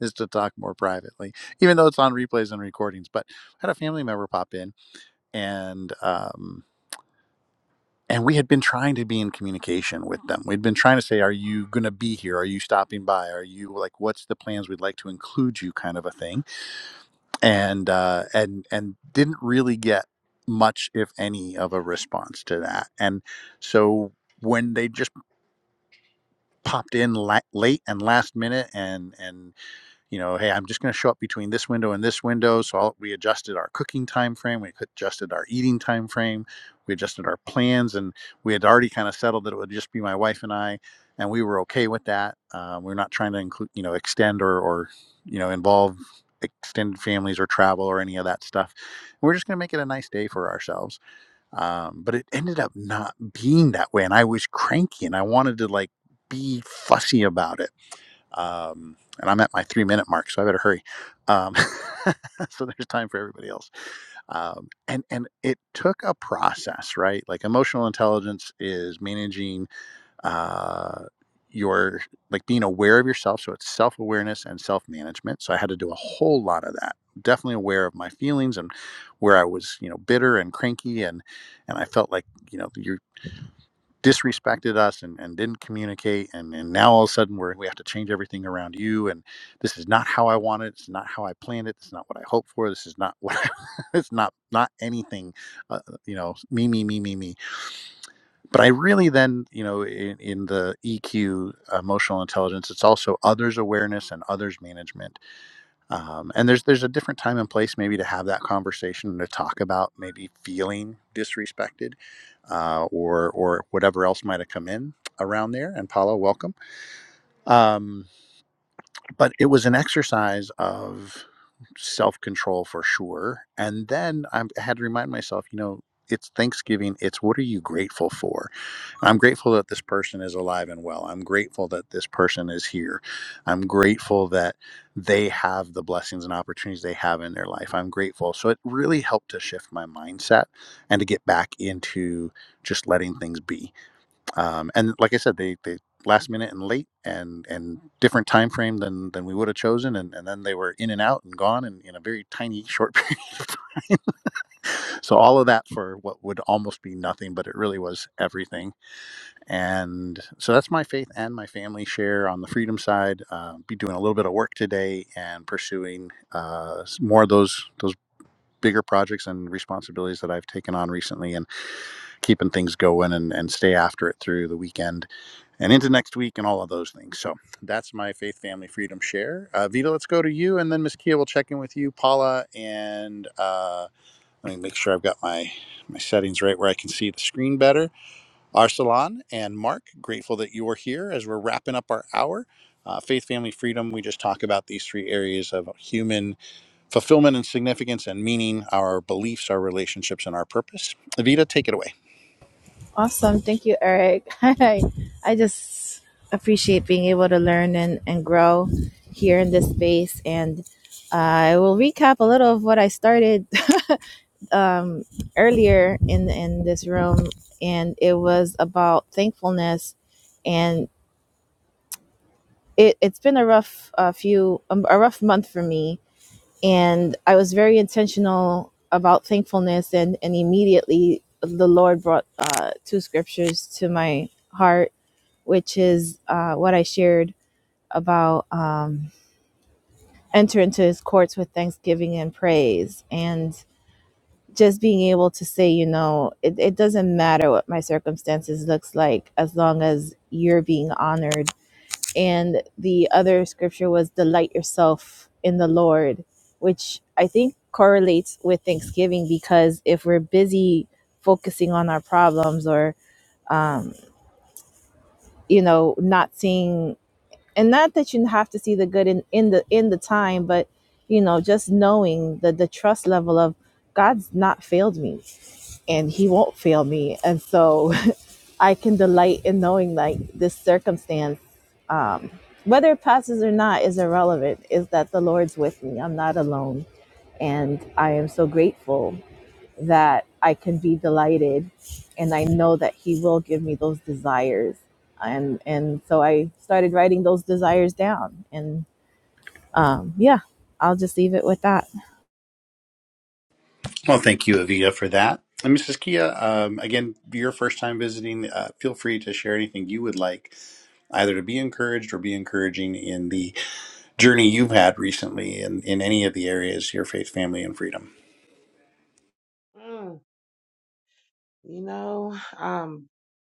Speaker 2: is to talk more privately, even though it's on replays and recordings. But I had a family member pop in, and um, and we had been trying to be in communication with them. We'd been trying to say, "Are you going to be here? Are you stopping by? Are you like, what's the plans? We'd like to include you," kind of a thing and uh, and and didn't really get much, if any, of a response to that. And so when they just popped in la- late and last minute, and and you know, hey, I'm just going to show up between this window and this window. So I'll, we adjusted our cooking time frame, we adjusted our eating time frame, we adjusted our plans, and we had already kind of settled that it would just be my wife and I, and we were okay with that. Um, we are not trying to include, you know, extend or or you know involve extended families or travel or any of that stuff. We we're just going to make it a nice day for ourselves. Um, but it ended up not being that way, and I was cranky, and I wanted to like be fussy about it um, and I'm at my three minute mark, so I better hurry. Um, so there's time for everybody else. Um, and and it took a process, right? Like emotional intelligence is managing uh, your like being aware of yourself. So it's self awareness and self management. So I had to do a whole lot of that. Definitely aware of my feelings and where I was, you know, bitter and cranky, and and I felt like you know you disrespected us and, and didn't communicate and, and now all of a sudden we're, we have to change everything around you and this is not how i want it it's not how i planned it it's not what i hoped for this is not what I, it's not not anything uh, uh, you know me me me me me but i really then you know in, in the eq emotional intelligence it's also others awareness and others management um, and there's there's a different time and place maybe to have that conversation and to talk about maybe feeling disrespected uh, or or whatever else might have come in around there and paula welcome um, but it was an exercise of self control for sure. And then I'm- I had to remind myself, you know, it's Thanksgiving. It's what are you grateful for? I'm grateful that this person is alive and well. I'm grateful that this person is here. I'm grateful that they have the blessings and opportunities they have in their life. I'm grateful. So it really helped to shift my mindset and to get back into just letting things be um, and like I said, they they last minute and late and and different time frame than than we would have chosen, and and then they were in and out and gone in, in a very tiny short period of time. so all of that for what would almost be nothing, but it really was everything. And so that's my faith and my family share on the freedom side. Uh, be doing a little bit of work today and pursuing uh, s- more of those those bigger projects and responsibilities that I've taken on recently and keeping things going and, and stay after it through the weekend and into next week and all of those things. So that's my faith, family, freedom share. Uh, Vita, let's go to you, and then Miss Kia will check in with you, Paula, and uh, let me make sure I've got my my settings right where I can see the screen better. Arsalan and Mark, grateful that you are here as we're wrapping up our hour. Uh, faith, family, freedom. We just talk about these three areas of human fulfillment and significance and meaning, our beliefs, our relationships, and our purpose. Vita, take it away.
Speaker 1: Awesome. Thank you, Eric. I, I just appreciate being able to learn and, and grow here in this space. And uh, I will recap a little of what I started earlier in, in this room. And it was about thankfulness. And it, it's been a rough uh, few, um, a rough month for me and I was very intentional about thankfulness, and and immediately the Lord brought uh, two scriptures to my heart, which is uh, what I shared about um, enter into His courts with thanksgiving and praise, and just being able to say, you know, it, it doesn't matter what my circumstances looks like as long as you're being honored and the other scripture was delight yourself in the lord which i think correlates with thanksgiving because if we're busy focusing on our problems or um, you know not seeing and not that you have to see the good in, in the in the time but you know just knowing the the trust level of god's not failed me and he won't fail me and so I can delight in knowing like this circumstance, um, whether it passes or not, is irrelevant. Is that the Lord's with me? I'm not alone, and I am so grateful that I can be delighted, and I know that He will give me those desires. And and so I started writing those desires down, and um, yeah, I'll just leave it with that.
Speaker 2: Well, thank you, Avita, for that. And Mrs. Kia, um, again, your first time visiting, uh, feel free to share anything you would like, either to be encouraged or be encouraging in the journey you've had recently in, in any of the areas, your faith, family, and freedom.
Speaker 3: Mm, you know, I'm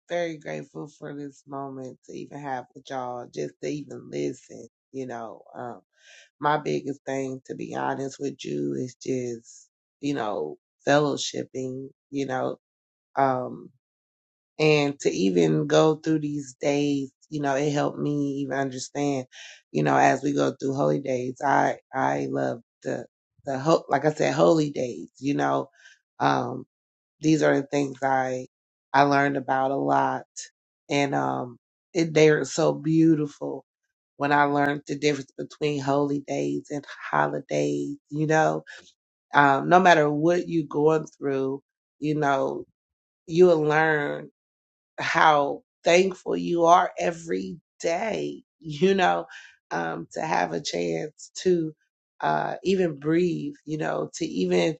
Speaker 3: very grateful for this moment to even have with y'all, just to even listen, you know. um, my biggest thing, to be honest with you, is just, you know, fellowshipping, you know, um, and to even go through these days, you know, it helped me even understand, you know, as we go through holy days, I, I love the, the, ho- like I said, holy days, you know, um, these are the things I I learned about a lot, and um, it, they are so beautiful. When I learned the difference between holy days and holidays, you know, um, no matter what you going through, you know, you'll learn how thankful you are every day, you know, um, to have a chance to uh, even breathe, you know, to even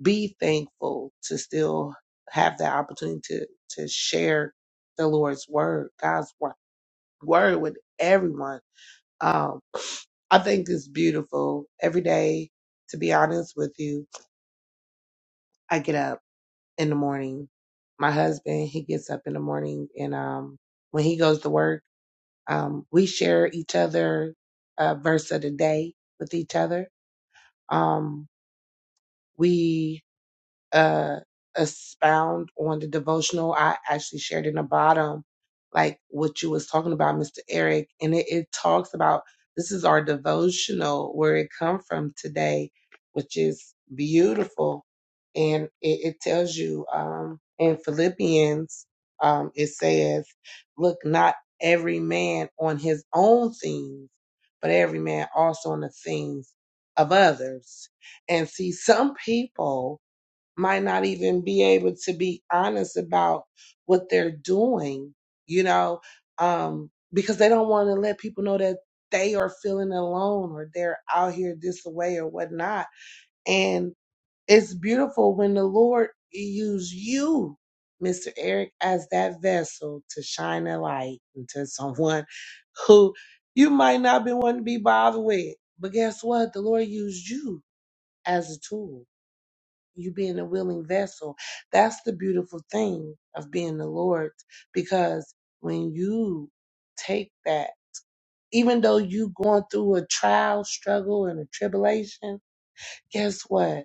Speaker 3: be thankful to still have the opportunity to, to share the Lord's word, God's wo- word with everyone. Um, I think it's beautiful. Every day, to be honest with you, I get up in the morning. My husband, he gets up in the morning and, um, when he goes to work, um, we share each other, a verse of the day with each other. Um, we uh, expound on the devotional, I actually shared in the bottom, like what you was talking about, Mr. Eric, and it, it talks about this is our devotional where it come from today, which is beautiful, and it, it tells you um, in Philippians, um, it says, "Look not every man on his own things, but every man also on the things of others." And see, some people might not even be able to be honest about what they're doing, you know, um, because they don't want to let people know that they are feeling alone or they're out here this way or whatnot. And it's beautiful when the Lord use you, Mr. Eric, as that vessel to shine a light into someone who you might not be wanting to be bothered with. But guess what? The Lord used you as a tool you being a willing vessel. That's the beautiful thing of being the Lord's because when you take that, even though you going through a trial, struggle, and a tribulation, guess what?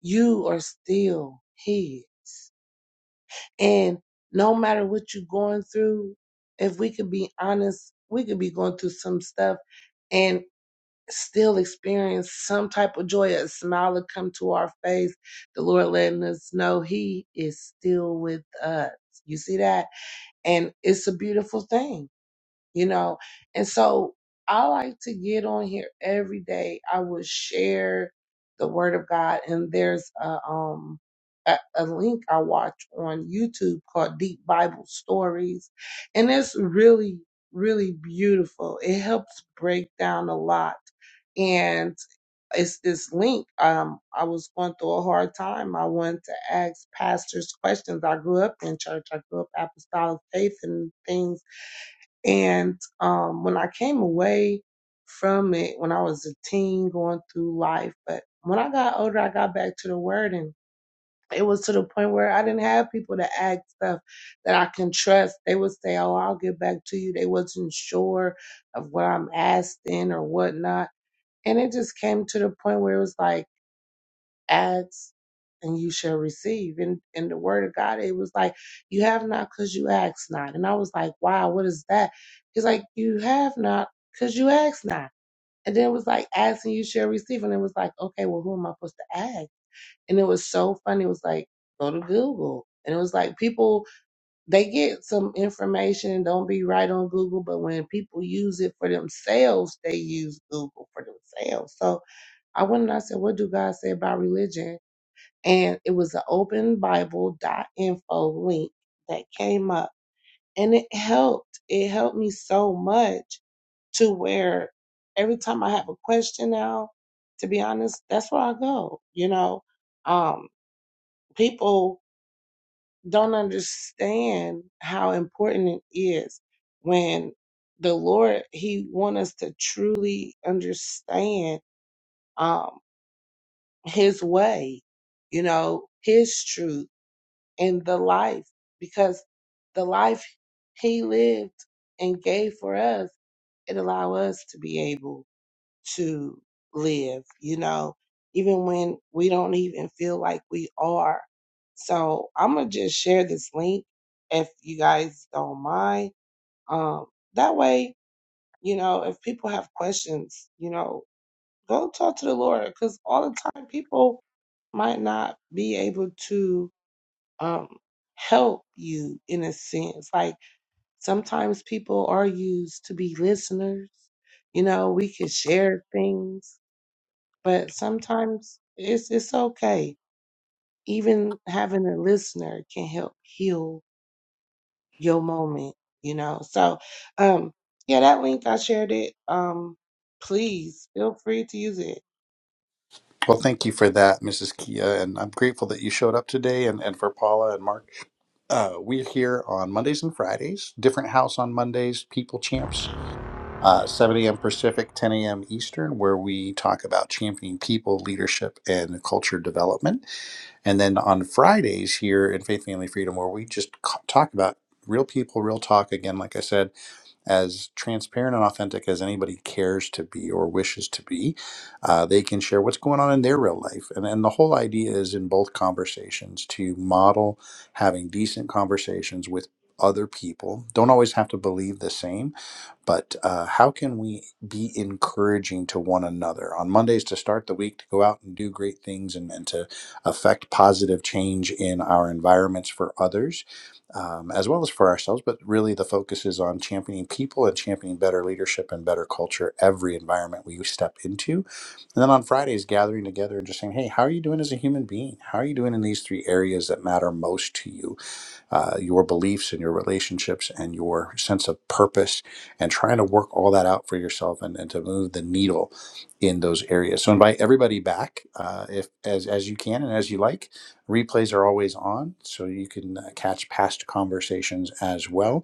Speaker 3: You are still His. And no matter what you're going through, if we could be honest, we could be going through some stuff and. still experience some type of joy, a smile to come to our face, the Lord letting us know He is still with us. You see that? And it's a beautiful thing you know? And so I like to get on here every day. I will share the word of God and there's a, um, a, a link I watch on YouTube called Deep Bible Stories. And it's really, really beautiful. It helps break down a lot. And it's this link. Um, I was going through a hard time. I wanted to ask pastors questions. I grew up in church. I grew up apostolic faith and things and um, when I came away from it, when I was a teen going through life, but when I got older, I got back to the word and it was to the point where I didn't have people to ask stuff that I can trust. They would say, Oh, I'll get back to you. They wasn't sure of what I'm asking or whatnot. And it just came to the point where it was like, ask and you shall receive. And in the word of God, it was like, you have not because you ask not. And I was like, wow, what is that? He's like, you have not because you ask not. And then it was like, ask and you shall receive. And it was like, okay, well, who am I supposed to ask? And it was so funny. It was like, go to Google. And it was like people, they get some information and don't be right on Google, but when people use it for themselves, they use Google for themselves. So I went and I said, What do God say about religion? and it was an open bible dot info link that came up and it helped it helped me so much to where every time i have a question now to be honest that's where i go you know um people don't understand how important it is when the lord he want us to truly understand um his way you know his truth and the life because the life he lived and gave for us it allow us to be able to live you know even when we don't even feel like we are so i'm gonna just share this link if you guys don't mind um that way you know if people have questions you know go talk to the lord because all the time people might not be able to um, help you in a sense. Like sometimes people are used to be listeners. You know, we could share things, but sometimes it's it's okay. Even having a listener can help heal your moment. You know, so um, yeah, that link I shared it. Um, please feel free to use it.
Speaker 2: Well, thank you for that, Mrs. Kia. And I'm grateful that you showed up today and, and for Paula and Mark. Uh, we're here on Mondays and Fridays, different house on Mondays, People Champs. Uh, 7 a.m. Pacific, 10 a.m. Eastern, where we talk about championing people, leadership, and culture development. And then on Fridays here in Faith Family Freedom, where we just c- talk about real people, real talk, again, like I said, as transparent and authentic as anybody cares to be or wishes to be, uh, they can share what's going on in their real life. And, and the whole idea is in both conversations to model having decent conversations with other people. Don't always have to believe the same but uh, how can we be encouraging to one another on Mondays to start the week to go out and do great things and, and to affect positive change in our environments for others, um, as well as for ourselves? But really, the focus is on championing people and championing better leadership and better culture every environment we step into. And then on Fridays, gathering together and just saying, hey, how are you doing as a human being? How are you doing in these three areas that matter most to you? uh, your beliefs and your relationships and your sense of purpose, and trying to work all that out for yourself and, and to move the needle in those areas. So invite everybody back uh, if as as you can and as you like. Replays are always on, so you can uh, catch past conversations as well.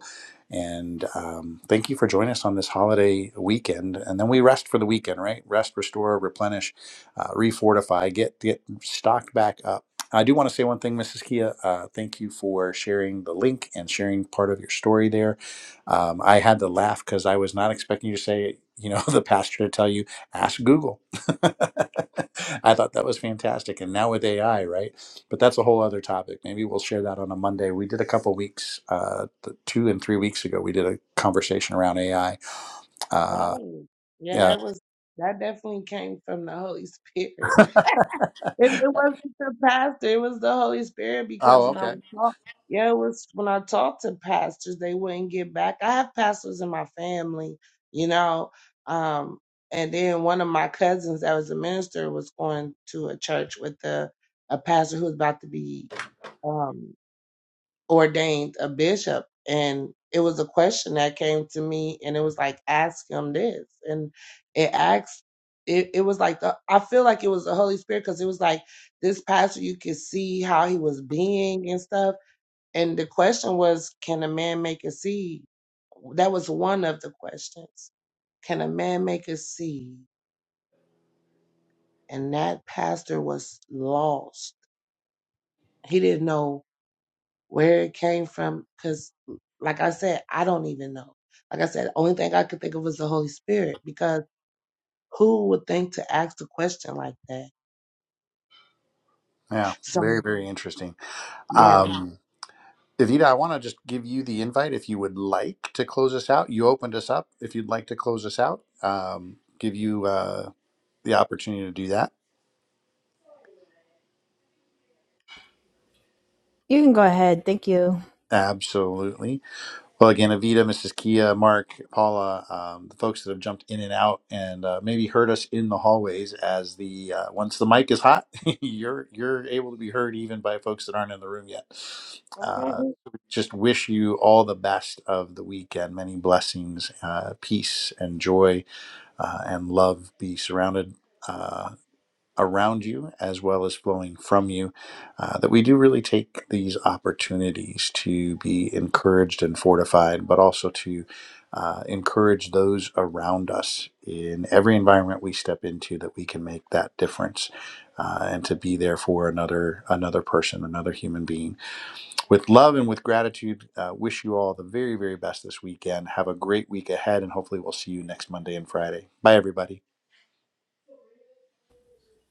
Speaker 2: And um, thank you for joining us on this holiday weekend. And then we rest for the weekend, right? Rest, restore, replenish, uh, refortify, get get stocked back up I do want to say one thing, Mrs. Kia. Uh, thank you for sharing the link and sharing part of your story there. Um, I had to laugh because I was not expecting you to say, you know, the pastor to tell you, ask Google. I thought that was fantastic. And now with AI, right? But that's a whole other topic. Maybe we'll share that on a Monday. We did a couple weeks, uh, th- two and three weeks ago, we did a conversation around AI. Uh,
Speaker 3: Y'all, Yeah,
Speaker 2: yeah.
Speaker 3: that was that definitely came from the Holy Spirit. It, it wasn't the pastor, it was the Holy Spirit because
Speaker 2: oh,
Speaker 3: when I
Speaker 2: okay.
Speaker 3: was talk, yeah, it was when I talked to pastors, they wouldn't get back. I have pastors in my family, you know. Um, and then one of my cousins that was a minister was going to a church with a, a pastor who was about to be um ordained a bishop and it was a question that came to me and it was like ask him this and it asked it, it was like the, i feel like it was the holy spirit because it was like this pastor you could see how he was being and stuff and the question was can a man make a seed that was one of the questions can a man make a seed and that pastor was lost he didn't know where it came from because like i said i don't even know like i said the only thing i could think of was the holy spirit because who would think to ask a question like that
Speaker 2: Yeah. Very,
Speaker 3: so
Speaker 2: very interesting.
Speaker 3: yeah
Speaker 2: Um, Evita, I want to just give you the invite if you would like to close us out. You opened us up. If you'd like to close us out, um, give you uh, the opportunity to do that. Absolutely. Well, again, Evita, Mrs. Kia, Mark, Paula, um, the folks that have jumped in and out and uh, maybe heard us in the hallways as the uh, once the mic is hot, you're you're able to be heard even by folks that aren't in the room yet. Uh, just wish you all the best of the weekend, many blessings, uh, peace, and joy uh, and love be surrounded uh, around you as well as flowing from you, uh, that we do really take these opportunities to be encouraged and fortified, but also to uh, encourage those around us in every environment we step into that we can make that difference uh, and to be there for another another person, another human being. With love and with gratitude, uh, wish you all the very, very best this weekend. Have a great week ahead, and hopefully we'll see you next Monday and Friday. Bye, everybody.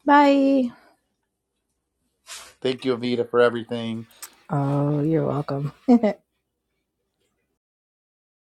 Speaker 1: Bye.
Speaker 2: Thank you, Avita, for everything.